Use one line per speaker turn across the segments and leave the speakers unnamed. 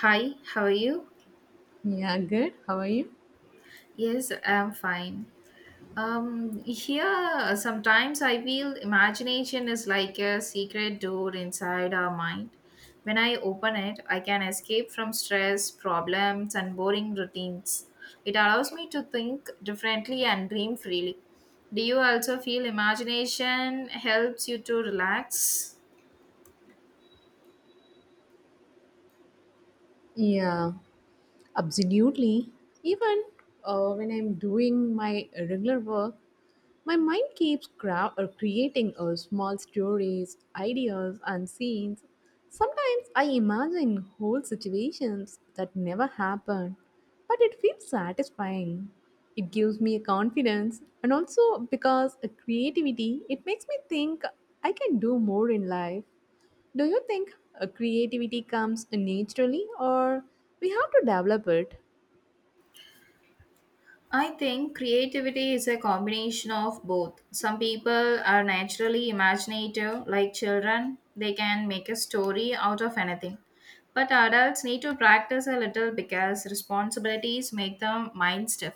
Hi, how are you?
Yeah, good. How are you?
Yes, I'm fine. Here, sometimes I feel imagination is like a secret door inside our mind. When I open it, I can escape from stress, problems, and boring routines. It allows me to think differently and dream freely. Do you also feel imagination helps you to relax?
Yeah, absolutely. Even when I'm doing my regular work, my mind keeps creating small stories, ideas, and scenes. Sometimes I imagine whole situations that never happened, but it feels satisfying. It gives me a confidence, and also because of creativity, it makes me think I can do more in life. Do you think creativity comes naturally or we have to develop it?
I think creativity is a combination of both. Some people are naturally imaginative, like children, they can make a story out of anything. But adults need to practice a little because responsibilities make them mind stiff.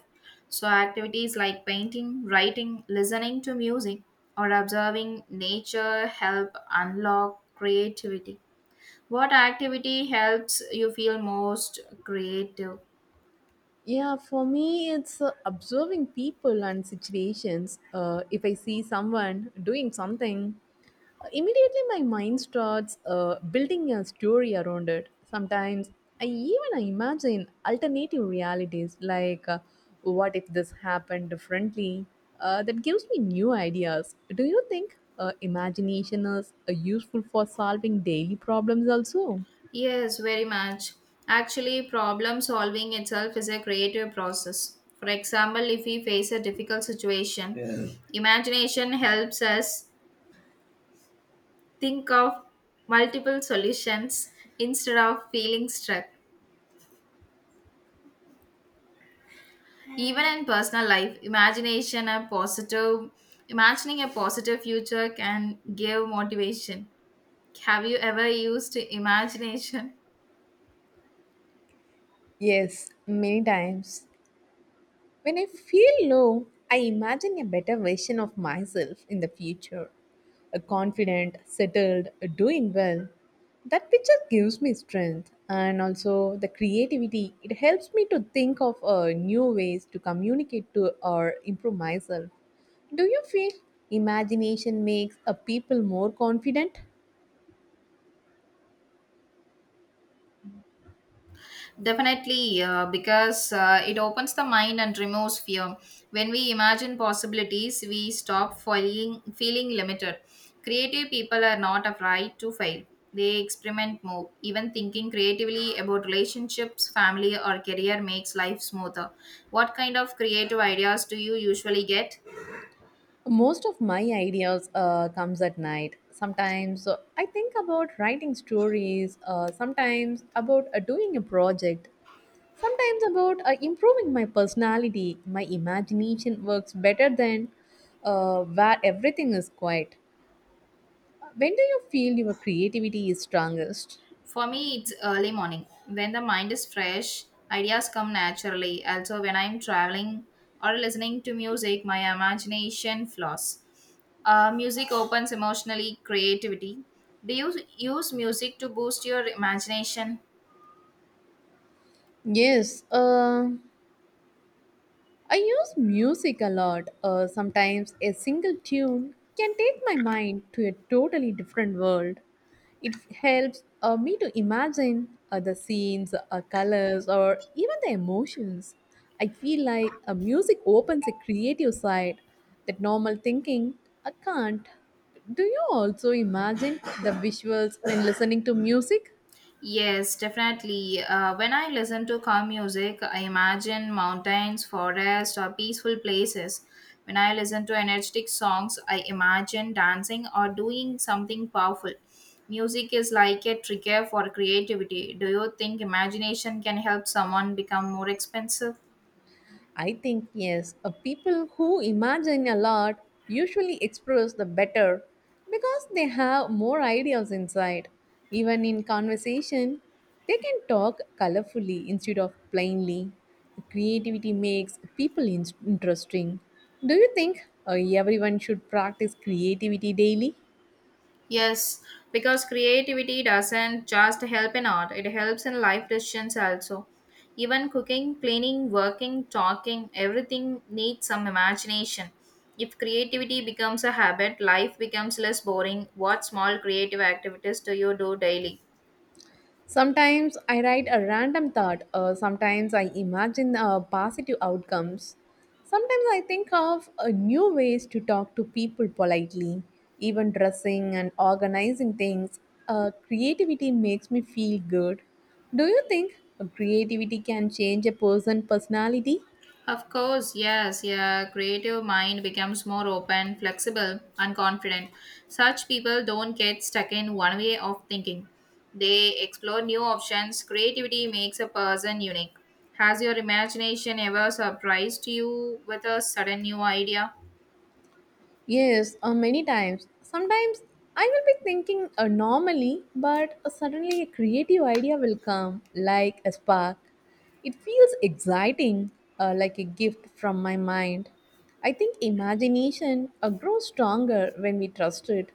So, activities like painting, writing, listening to music, or observing nature help unlock creativity. What activity helps you feel most creative?
Yeah, for me, it's observing people and situations. If I see someone doing something, immediately my mind starts building a story around it. Sometimes I even imagine alternative realities like what if this happened differently? That gives me new ideas. Do you think imagination is useful for solving daily problems also?
Yes, very much. Actually, problem solving itself is a creative process. For example, if we face a difficult situation, yeah, imagination helps us think of multiple solutions instead of feeling stuck. Even in personal life, imagination a positive imagining a positive future can give motivation. Have you ever used imagination?
Yes, many times. When I feel low, I imagine a better version of myself in the future. A confident, settled, doing well. That picture gives me strength and also the creativity. It helps me to think of new ways to communicate to or improve myself. Do you feel imagination makes a people more confident?
Definitely, because it opens the mind and removes fear. When we imagine possibilities, we stop feeling limited. Creative people are not afraid to fail, they experiment more. Even thinking creatively about relationships, family, or career makes life smoother. What kind of creative ideas do you usually get?
Most of my ideas comes at night. Sometimes I think about writing stories. Sometimes about doing a project. Sometimes about improving my personality. My imagination works better than where everything is quiet. When do you feel your creativity is strongest?
For me, it's early morning. When the mind is fresh, ideas come naturally. Also, when I'm traveling or listening to music, my imagination flows. Music opens emotionally creativity. Do you use music to boost your imagination?
Yes. I use music a lot. Sometimes a single tune can take my mind to a totally different world. It helps me to imagine the scenes, colors, or even the emotions. I feel like music opens a creative side that normal thinking can't. Do you also imagine the visuals when listening to music?
Yes, definitely. When I listen to calm music, I imagine mountains, forests, or peaceful places. When I listen to energetic songs, I imagine dancing or doing something powerful. Music is like a trigger for creativity. Do you think imagination can help someone become more expensive?
I think yes, a people who imagine a lot usually express the better because they have more ideas inside. Even in conversation, they can talk colorfully instead of plainly. Creativity makes people interesting. Do you think everyone should practice creativity daily?
Yes, because creativity doesn't just help in art, it helps in life decisions also. Even cooking, cleaning, working, talking, everything needs some imagination. If creativity becomes a habit, life becomes less boring. What small creative activities do you do daily?
Sometimes I write a random thought, or sometimes I imagine positive outcomes. Sometimes I think of new ways to talk to people politely, even dressing and organizing things. Creativity makes me feel good. Do you think creativity can change a person's personality?
Of course, yes, yeah. Creative mind becomes more open, flexible, and confident. Such people don't get stuck in one way of thinking. They explore new options. Creativity makes a person unique. Has your imagination ever surprised you with a sudden new idea?
Yes, many times. Sometimes I will be thinking normally, but suddenly a creative idea will come like a spark. It feels exciting, like a gift from my mind. I think imagination grows stronger when we trust it.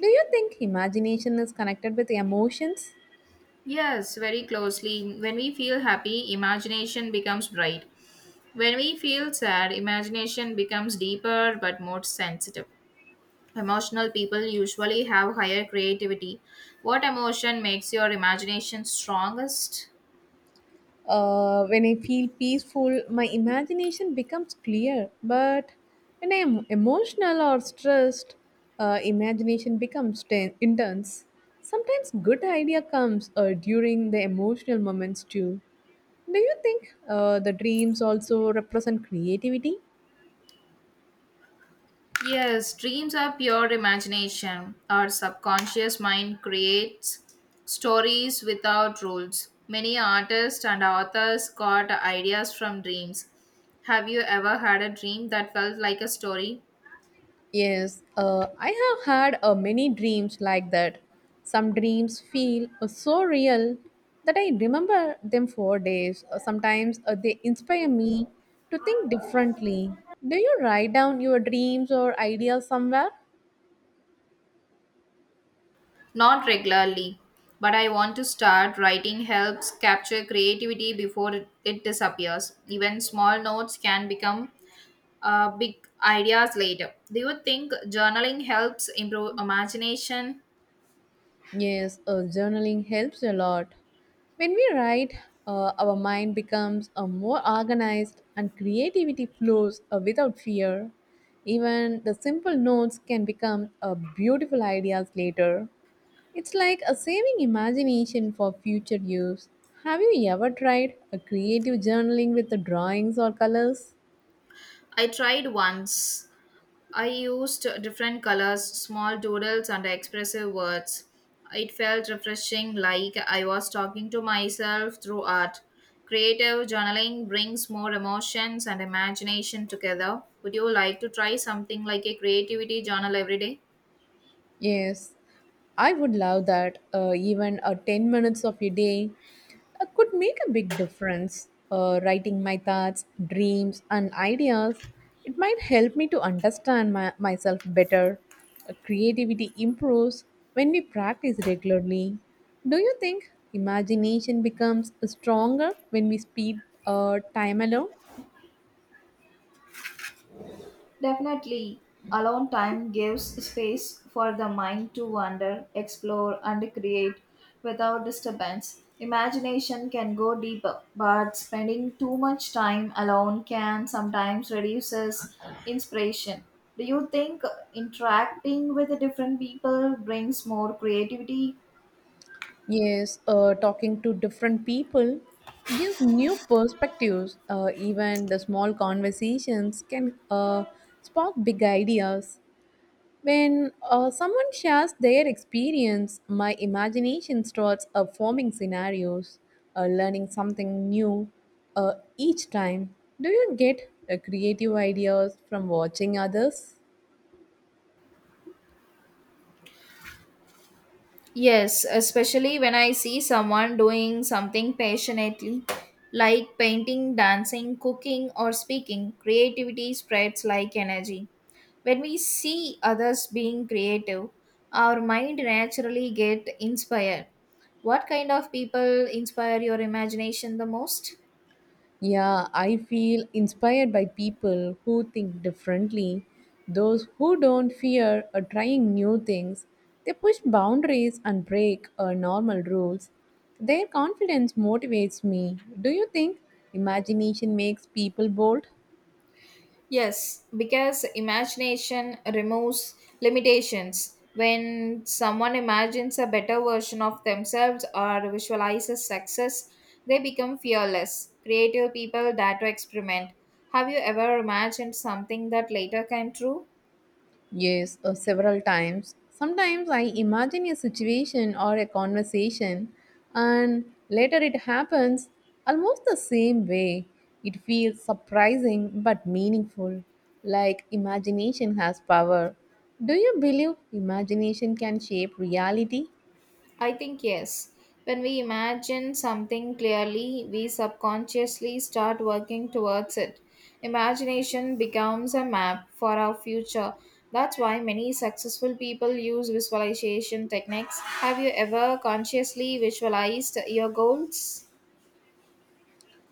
Do you think imagination is connected with emotions?
Yes, very closely. When we feel happy, imagination becomes bright. When we feel sad, imagination becomes deeper but more sensitive. Emotional people usually have higher creativity. What emotion makes your imagination strongest?
When I feel peaceful, my imagination becomes clear. But when I am emotional or stressed, imagination becomes intense. Sometimes good idea comes during the emotional moments too. Do you think the dreams also represent creativity?
Yes, dreams are pure imagination. Our subconscious mind creates stories without rules. Many artists and authors got ideas from dreams. Have you ever had a dream that felt like a story?
Yes, I have had many dreams like that. Some dreams feel so real that I remember them for days. Sometimes they inspire me to think differently. Do you write down your dreams or ideas somewhere?
Not regularly, but I want to start. Writing helps capture creativity before it disappears. Even small notes can become big ideas later. Do you think journaling helps improve imagination?
Yes, journaling helps a lot. When we write, our mind becomes more organized and creativity flows without fear. Even the simple notes can become beautiful ideas later. It's like a saving imagination for future use. Have you ever tried a creative journaling with the drawings or colors?
I tried once. I used different colors, small doodles, and expressive words. It felt refreshing, like I was talking to myself through art. Creative journaling brings more emotions and imagination together. Would you like to try something like a creativity journal every day?
Yes, I would love that. Even 10 minutes of your day could make a big difference. Writing my thoughts, dreams, and ideas, it might help me to understand myself better. Creativity improves when we practice regularly. Do you think imagination becomes stronger when we spend time alone?
Definitely, alone time gives space for the mind to wander, explore, and create without disturbance. Imagination can go deeper, but spending too much time alone can sometimes reduces inspiration. Do you think interacting with different people brings more creativity?
Yes, talking to different people gives new perspectives. Even the small conversations can spark big ideas. When someone shares their experience, my imagination starts forming scenarios, learning something new each time. Do you get creative ideas from watching others?
Yes, especially when I see someone doing something passionately, like painting, dancing, cooking, or speaking, creativity spreads like energy. When we see others being creative, our mind naturally get inspired. What kind of people inspire your imagination the most?
Yeah, I feel inspired by people who think differently. Those who don't fear or trying new things, they push boundaries and break normal rules. Their confidence motivates me. Do you think imagination makes people bold?
Yes, because imagination removes limitations. When someone imagines a better version of themselves or visualizes success, they become fearless, creative people that to experiment. Have you ever imagined something that later came true?
Yes, several times. Sometimes I imagine a situation or a conversation, and later it happens almost the same way. It feels surprising but meaningful, like imagination has power. Do you believe imagination can shape reality?
I think yes. When we imagine something clearly, we subconsciously start working towards it. Imagination becomes a map for our future. That's why many successful people use visualization techniques. Have you ever consciously visualized your goals?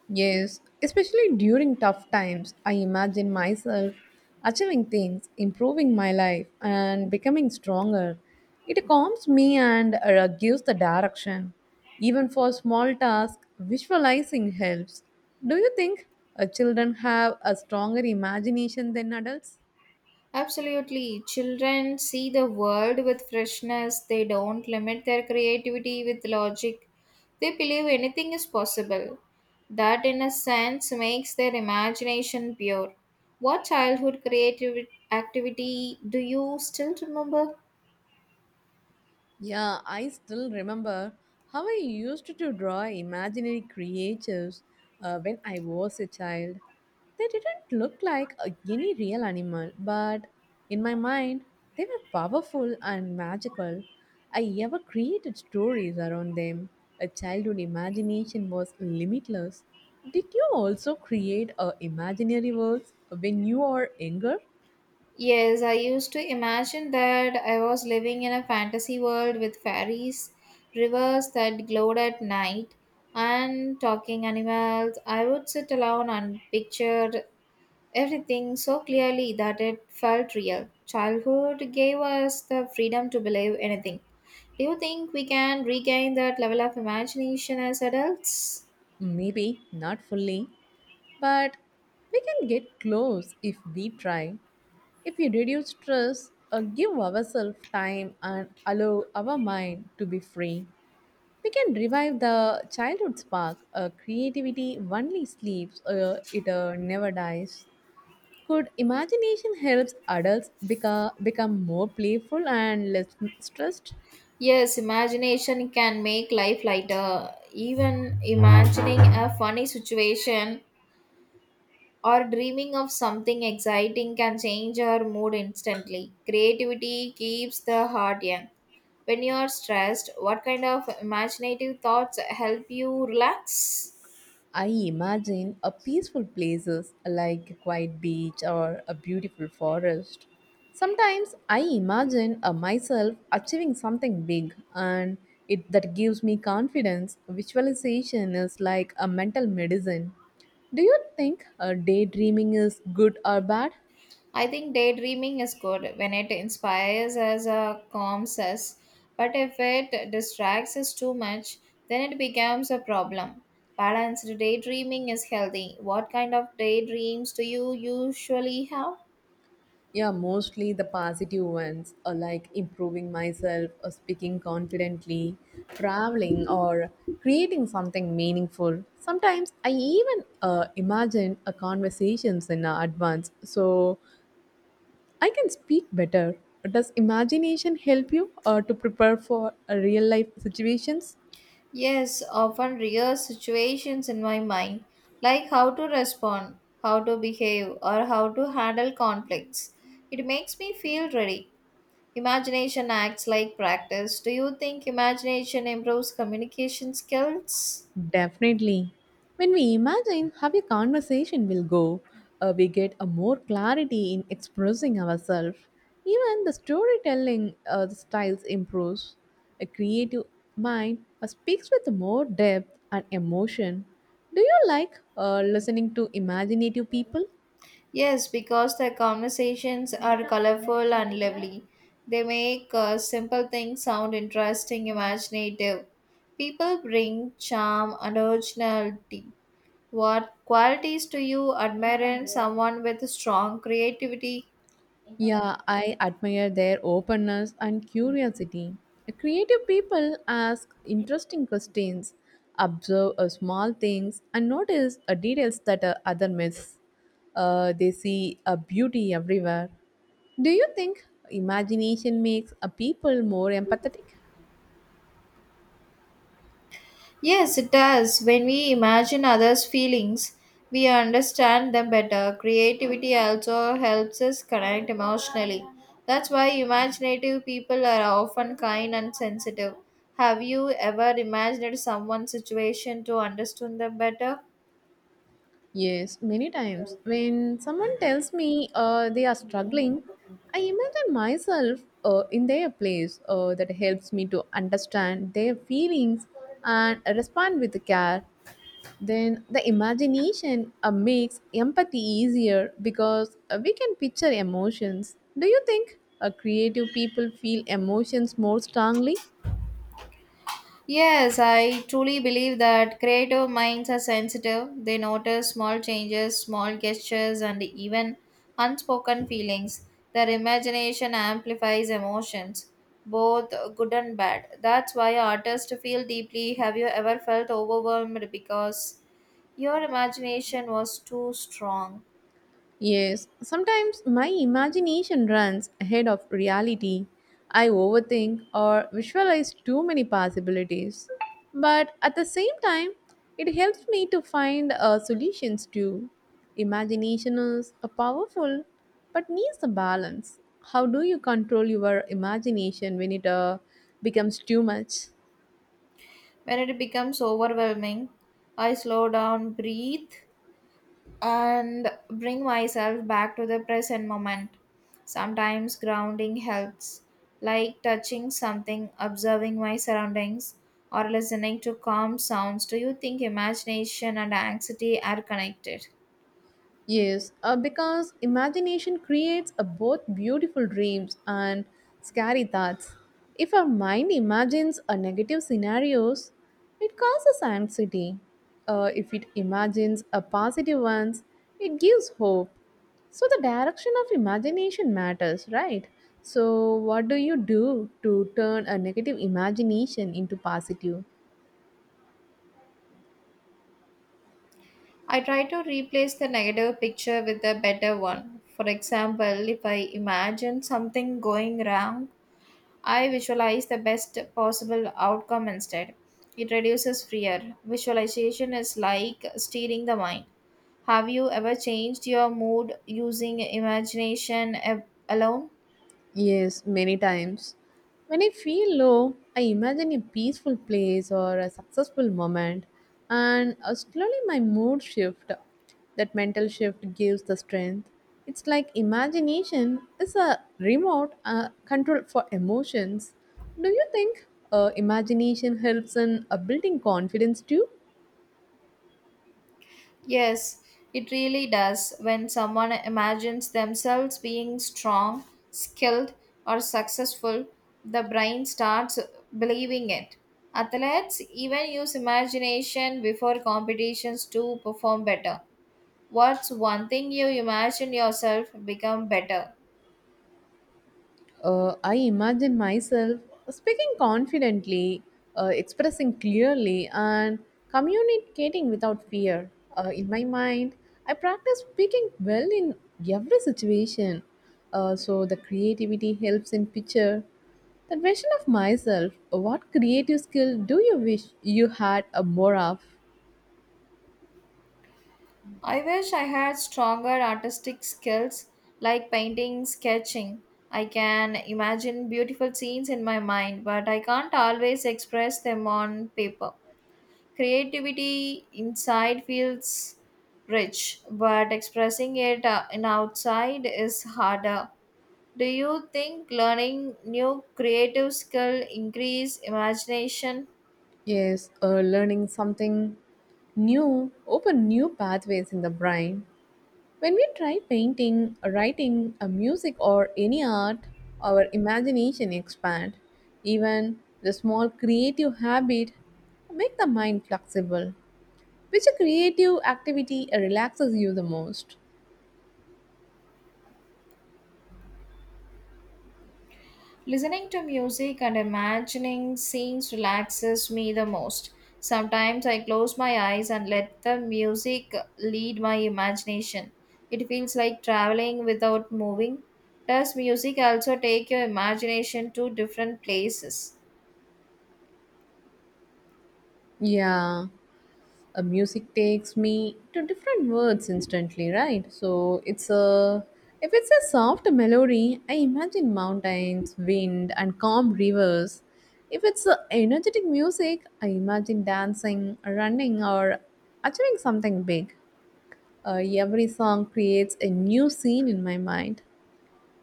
Yes, especially during tough times, I imagine myself achieving things, improving my life, and becoming stronger. It calms me and gives the direction. Even for small tasks, visualizing helps. Do you think children have a stronger imagination than adults?
Absolutely. Children see the world with freshness. They don't limit their creativity with logic. They believe anything is possible. That, in a sense, makes their imagination pure. What childhood creative activity do you still remember?
Yeah, I still remember how I used to draw imaginary creatures when I was a child. They didn't look like any real animal, but in my mind, they were powerful and magical. I ever created stories around them. A childhood imagination was limitless. Did you also create imaginary worlds when you are younger?
Yes, I used to imagine that I was living in a fantasy world with fairies, rivers that glowed at night, and talking animals. I would sit alone and picture everything so clearly that it felt real. Childhood gave us the freedom to believe anything. Do you think we can regain that level of imagination as adults?
Maybe not fully, but we can get close if we try. If we reduce stress or give ourselves time and allow our mind to be free, we can revive the childhood spark. A creativity only sleeps, it never dies. Could imagination helps adults become more playful and less stressed?
Yes, imagination can make life lighter. Even imagining a funny situation or dreaming of something exciting can change our mood instantly. Creativity keeps the heart young. When you are stressed, what kind of imaginative thoughts help you relax?
I imagine a peaceful places like a quiet beach or a beautiful forest. Sometimes I imagine myself achieving something big and it that gives me confidence. Visualization is like a mental medicine. Do you think daydreaming is good or bad?
I think daydreaming is good when it inspires us or calms us, but if it distracts us too much, then it becomes a problem. Balanced daydreaming is healthy. What kind of daydreams do you usually have?
Yeah, mostly the positive ones, or like improving myself, or speaking confidently, traveling, or creating something meaningful. Sometimes I even imagine a conversations in advance, so I can speak better. Does imagination help you to prepare for real life situations?
Yes, often real situations in my mind, like how to respond, how to behave, or how to handle conflicts. It makes me feel ready. Imagination acts like practice. Do you think imagination improves communication skills?
Definitely. When we imagine how a conversation will go, we get a more clarity in expressing ourselves. Even the storytelling styles improves. A creative mind speaks with more depth and emotion. Do you like listening to imaginative people?
Yes, because the conversations are colorful and lively. They make simple things sound interesting, imaginative. People bring charm and originality. What qualities do you admire in someone with strong creativity?
Yeah, I admire their openness and curiosity. Creative people ask interesting questions, observe small things, and notice details that other miss. They see a beauty everywhere. Do you think imagination makes a people more empathetic?
Yes, it does. When we imagine others' feelings, we understand them better. Creativity also helps us connect emotionally. That's why imaginative people are often kind and sensitive. Have you ever imagined someone's situation to understand them better?
Yes, many times. When someone tells me they are struggling, I imagine myself in their place. That helps me to understand their feelings and respond with care. Then the imagination makes empathy easier because we can picture emotions. Do you think creative people feel emotions more strongly?
Yes, I truly believe that creative minds are sensitive. They notice small changes, small gestures, and even unspoken feelings. Their imagination amplifies emotions, both good and bad. That's why artists feel deeply. Have you ever felt overwhelmed because your imagination was too strong?
Yes, sometimes my imagination runs ahead of reality. I overthink or visualize too many possibilities. But at the same time, it helps me to find solutions too. Imagination is a powerful but needs a balance. How do you control your imagination when it becomes too much?
When it becomes overwhelming, I slow down, breathe, and bring myself back to the present moment. Sometimes grounding helps, like touching something, observing my surroundings, or listening to calm sounds. Do you think imagination and anxiety are connected?
Yes, because imagination creates a both beautiful dreams and scary thoughts. If our mind imagines a negative scenarios, it causes anxiety. If it imagines a positive ones, it gives hope. So the direction of imagination matters, right? So what do you do to turn a negative imagination into positive?
I try to replace the negative picture with a better one. For example, if I imagine something going wrong, I visualize the best possible outcome instead. It reduces fear. Visualization is like steering the mind. Have you ever changed your mood using imagination alone?
Yes, many times. When I feel low, I imagine a peaceful place or a successful moment, and slowly my mood shift. That mental shift gives the strength. It's like imagination is a remote control for emotions. Do you think imagination helps in building confidence too?
Yes, it really does. When someone imagines themselves being strong, skilled, or successful, the brain starts believing it. Athletes even use imagination before competitions to perform better. What's one thing you imagine yourself become better?
I imagine myself speaking confidently, expressing clearly, and communicating without fear. In my mind, I practice speaking well in every situation. So the creativity helps in picture. The question of myself: What creative skill do you wish you had more of?
I wish I had stronger artistic skills like painting, sketching. I can imagine beautiful scenes in my mind, but I can't always express them on paper. Creativity inside feels rich, but expressing it in outside is harder. Do you think learning new creative skill increase imagination?
Yes, learning something new, open new pathways in the brain. When we try painting, writing, a music, or any art, our imagination expands. Even the small creative habit make the mind flexible. Which creative activity relaxes you the most?
Listening to music and imagining scenes relaxes me the most. Sometimes I close my eyes and let the music lead my imagination. It feels like traveling without moving. Does music also take your imagination to different places?
Yeah, a music takes me to different words instantly, right? So it's a, if it's a soft melody, I imagine mountains, wind, and calm rivers. If it's a energetic music, I imagine dancing, running, or achieving something big. Every song creates a new scene in my mind.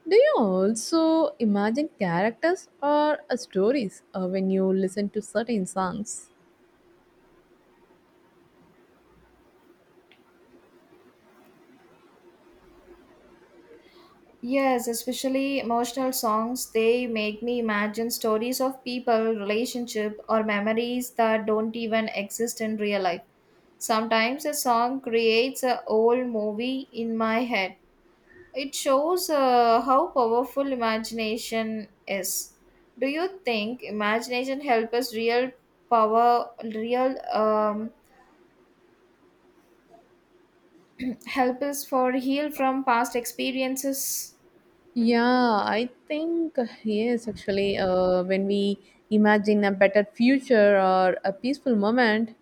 Do you also imagine characters or stories when you listen to certain songs?
Yes, especially emotional songs, they make me imagine stories of people, relationship or memories that don't even exist in real life. Sometimes a song creates a whole movie in my head. It shows how powerful imagination is. Do you think imagination help us real power, real help us for heal from past experiences?
Yeah, I think yes, actually, when we imagine a better future or a peaceful moment,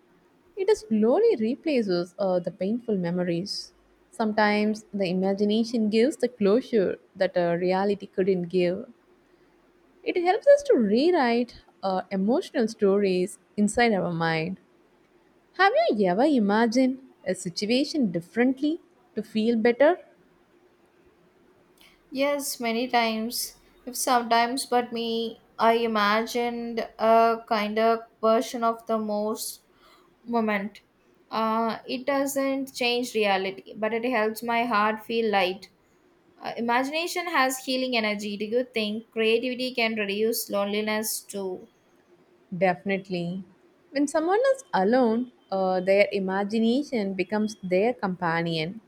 it slowly replaces the painful memories. Sometimes the imagination gives the closure that reality couldn't give. It helps us to rewrite emotional stories inside our mind. Have you ever imagined a situation differently to feel better?
Yes, many times. If sometimes, but me, I imagined a kind of version of the most moment. It doesn't change reality, but it helps my heart feel light. Imagination has healing energy. Do you think creativity can reduce loneliness too?
Definitely. When someone is alone, their imagination becomes their companion.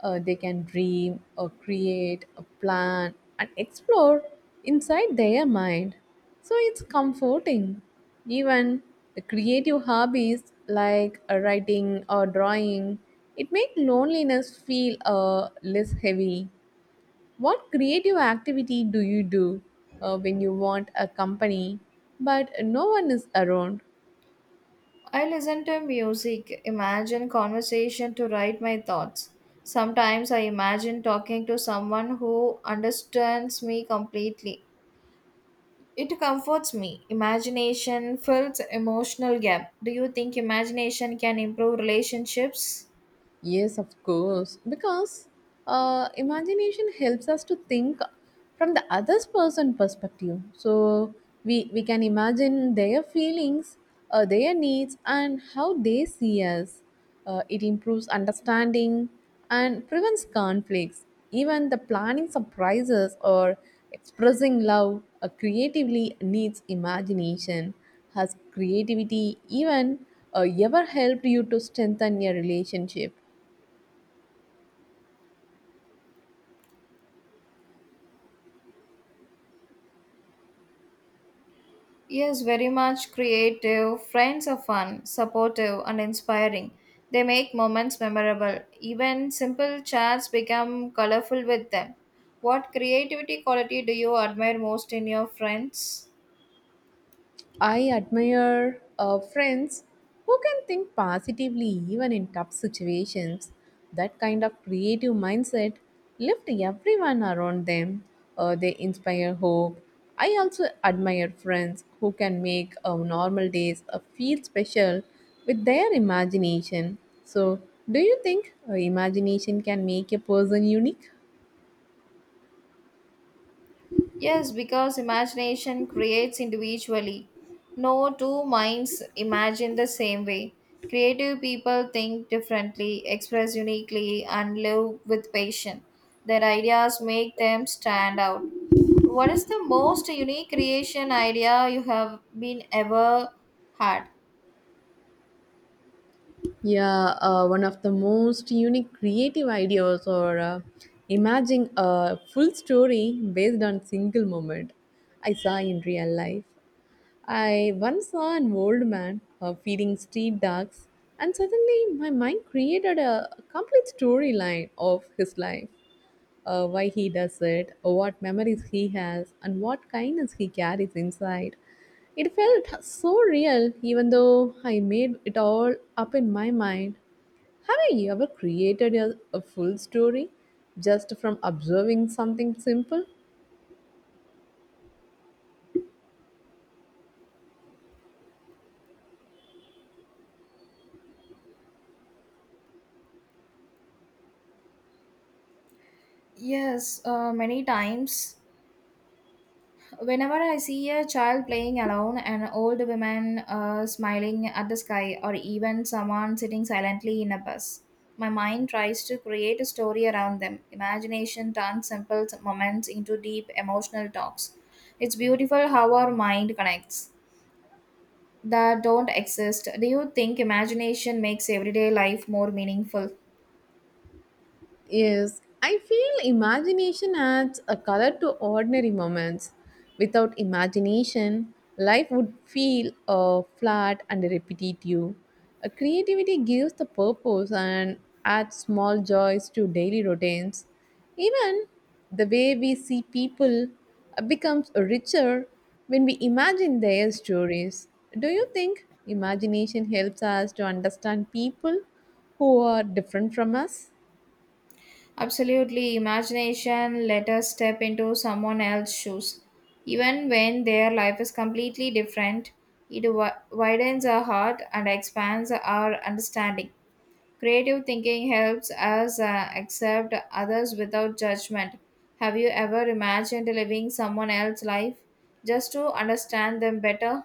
They can dream or create or plan and explore inside their mind. So it's comforting. Even the creative hobbies like writing or drawing, it makes loneliness feel less heavy. What creative activity do you do when you want a company but no one is around?
I listen to music, imagine conversation to write my thoughts. Sometimes I imagine talking to someone who understands me completely. It comforts me. Imagination fills emotional gap. Do you think imagination can improve relationships?
Yes, of course. Because imagination helps us to think from the other person's perspective. So we can imagine their feelings, their needs, and how they see us. It improves understanding and prevents conflicts. Even the planning surprises or expressing love creatively needs imagination. Has creativity even ever helped you to strengthen your relationship?
Yes, very much creative. Friends are fun, supportive, and inspiring. They make moments memorable. Even simple chats become colorful with them. What creativity quality do you admire most in your friends?
I admire friends who can think positively even in tough situations. That kind of creative mindset lifts everyone around them. They inspire hope. I also admire friends who can make normal days feel special with their imagination. So, do you think imagination can make a person unique?
Yes, because imagination creates individually. No two minds imagine the same way. Creative people think differently, express uniquely, and live with passion. Their ideas make them stand out. What is the most unique creation idea you have been ever had?
Yeah, one of the most unique creative ideas or imagine a full story based on single moment I saw in real life. I once saw an old man feeding street dogs, and suddenly my mind created a complete storyline of his life, why he does it, what memories he has, and what kindness he carries inside. It felt so real, even though I made it all up in my mind. Have you ever created a full story just from observing something simple?
Yes, many times. Whenever I see a child playing alone, an old woman smiling at the sky, or even someone sitting silently in a bus, my mind tries to create a story around them. Imagination turns simple moments into deep emotional talks. It's beautiful how our mind connects that don't exist. Do you think imagination makes everyday life more meaningful?
Yes, I feel imagination adds a color to ordinary moments. Without imagination, life would feel flat and repetitive. Creativity gives the purpose and adds small joys to daily routines. Even the way we see people becomes richer when we imagine their stories. Do you think imagination helps us to understand people who are different from us?
Absolutely, imagination let us step into someone else's shoes. Even when their life is completely different, it widens our heart and expands our understanding. Creative thinking helps us accept others without judgment. Have you ever imagined living someone else's life just to understand them better?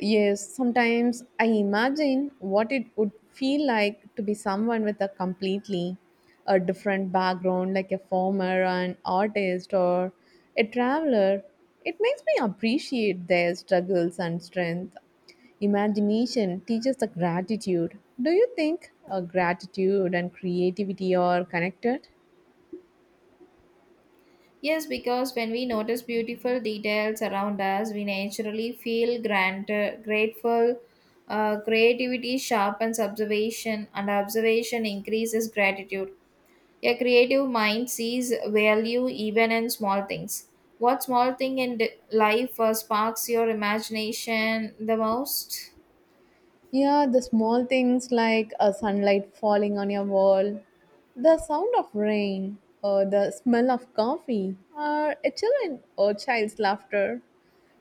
Yes, sometimes I imagine what it would feel like to be someone with a completely a different background, like a farmer, an artist, or a traveler. It makes me appreciate their struggles and strength. Imagination teaches the gratitude. Do you think gratitude and creativity are connected?
Yes, because when we notice beautiful details around us, we naturally feel grateful. Creativity sharpens observation, and observation increases gratitude. A creative mind sees value even in small things. What small thing in life sparks your imagination the most?
Yeah, the small things like a sunlight falling on your wall, the sound of rain, or the smell of coffee, or a children or child's laughter.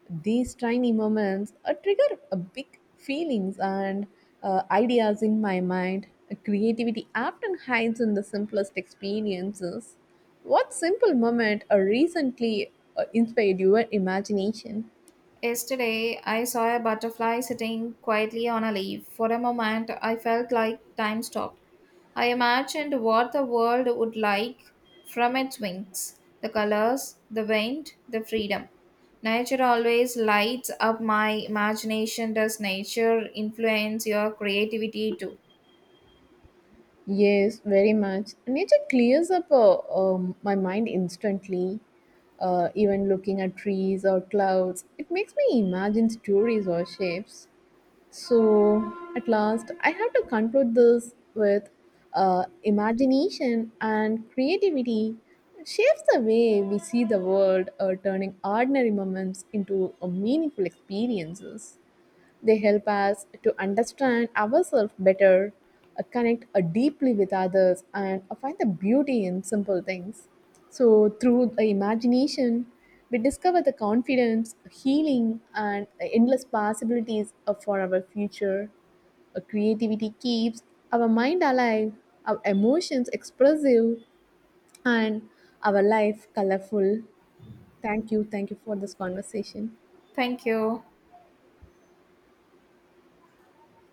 These tiny moments trigger a big feelings and ideas in my mind. Creativity often hides in the simplest experiences. What simple moment or recently inspired your imagination?
Yesterday, I saw a butterfly sitting quietly on a leaf. For a moment, I felt like time stopped. I imagined what the world would like from its wings, the colors, the wind, the freedom. Nature always lights up my imagination. Does nature influence your creativity too?
Yes, very much. Nature clears up my mind instantly. Even looking at trees or clouds, it makes me imagine stories or shapes. So, at last, I have to conclude this with imagination and creativity shapes the way we see the world, turning ordinary moments into meaningful experiences. They help us to understand ourselves better, connect deeply with others, and find the beauty in simple things. So, through the imagination, we discover the confidence, healing, and endless possibilities for our future. Creativity keeps our mind alive, our emotions expressive, and our life colorful. Thank you. Thank you for this conversation.
Thank you.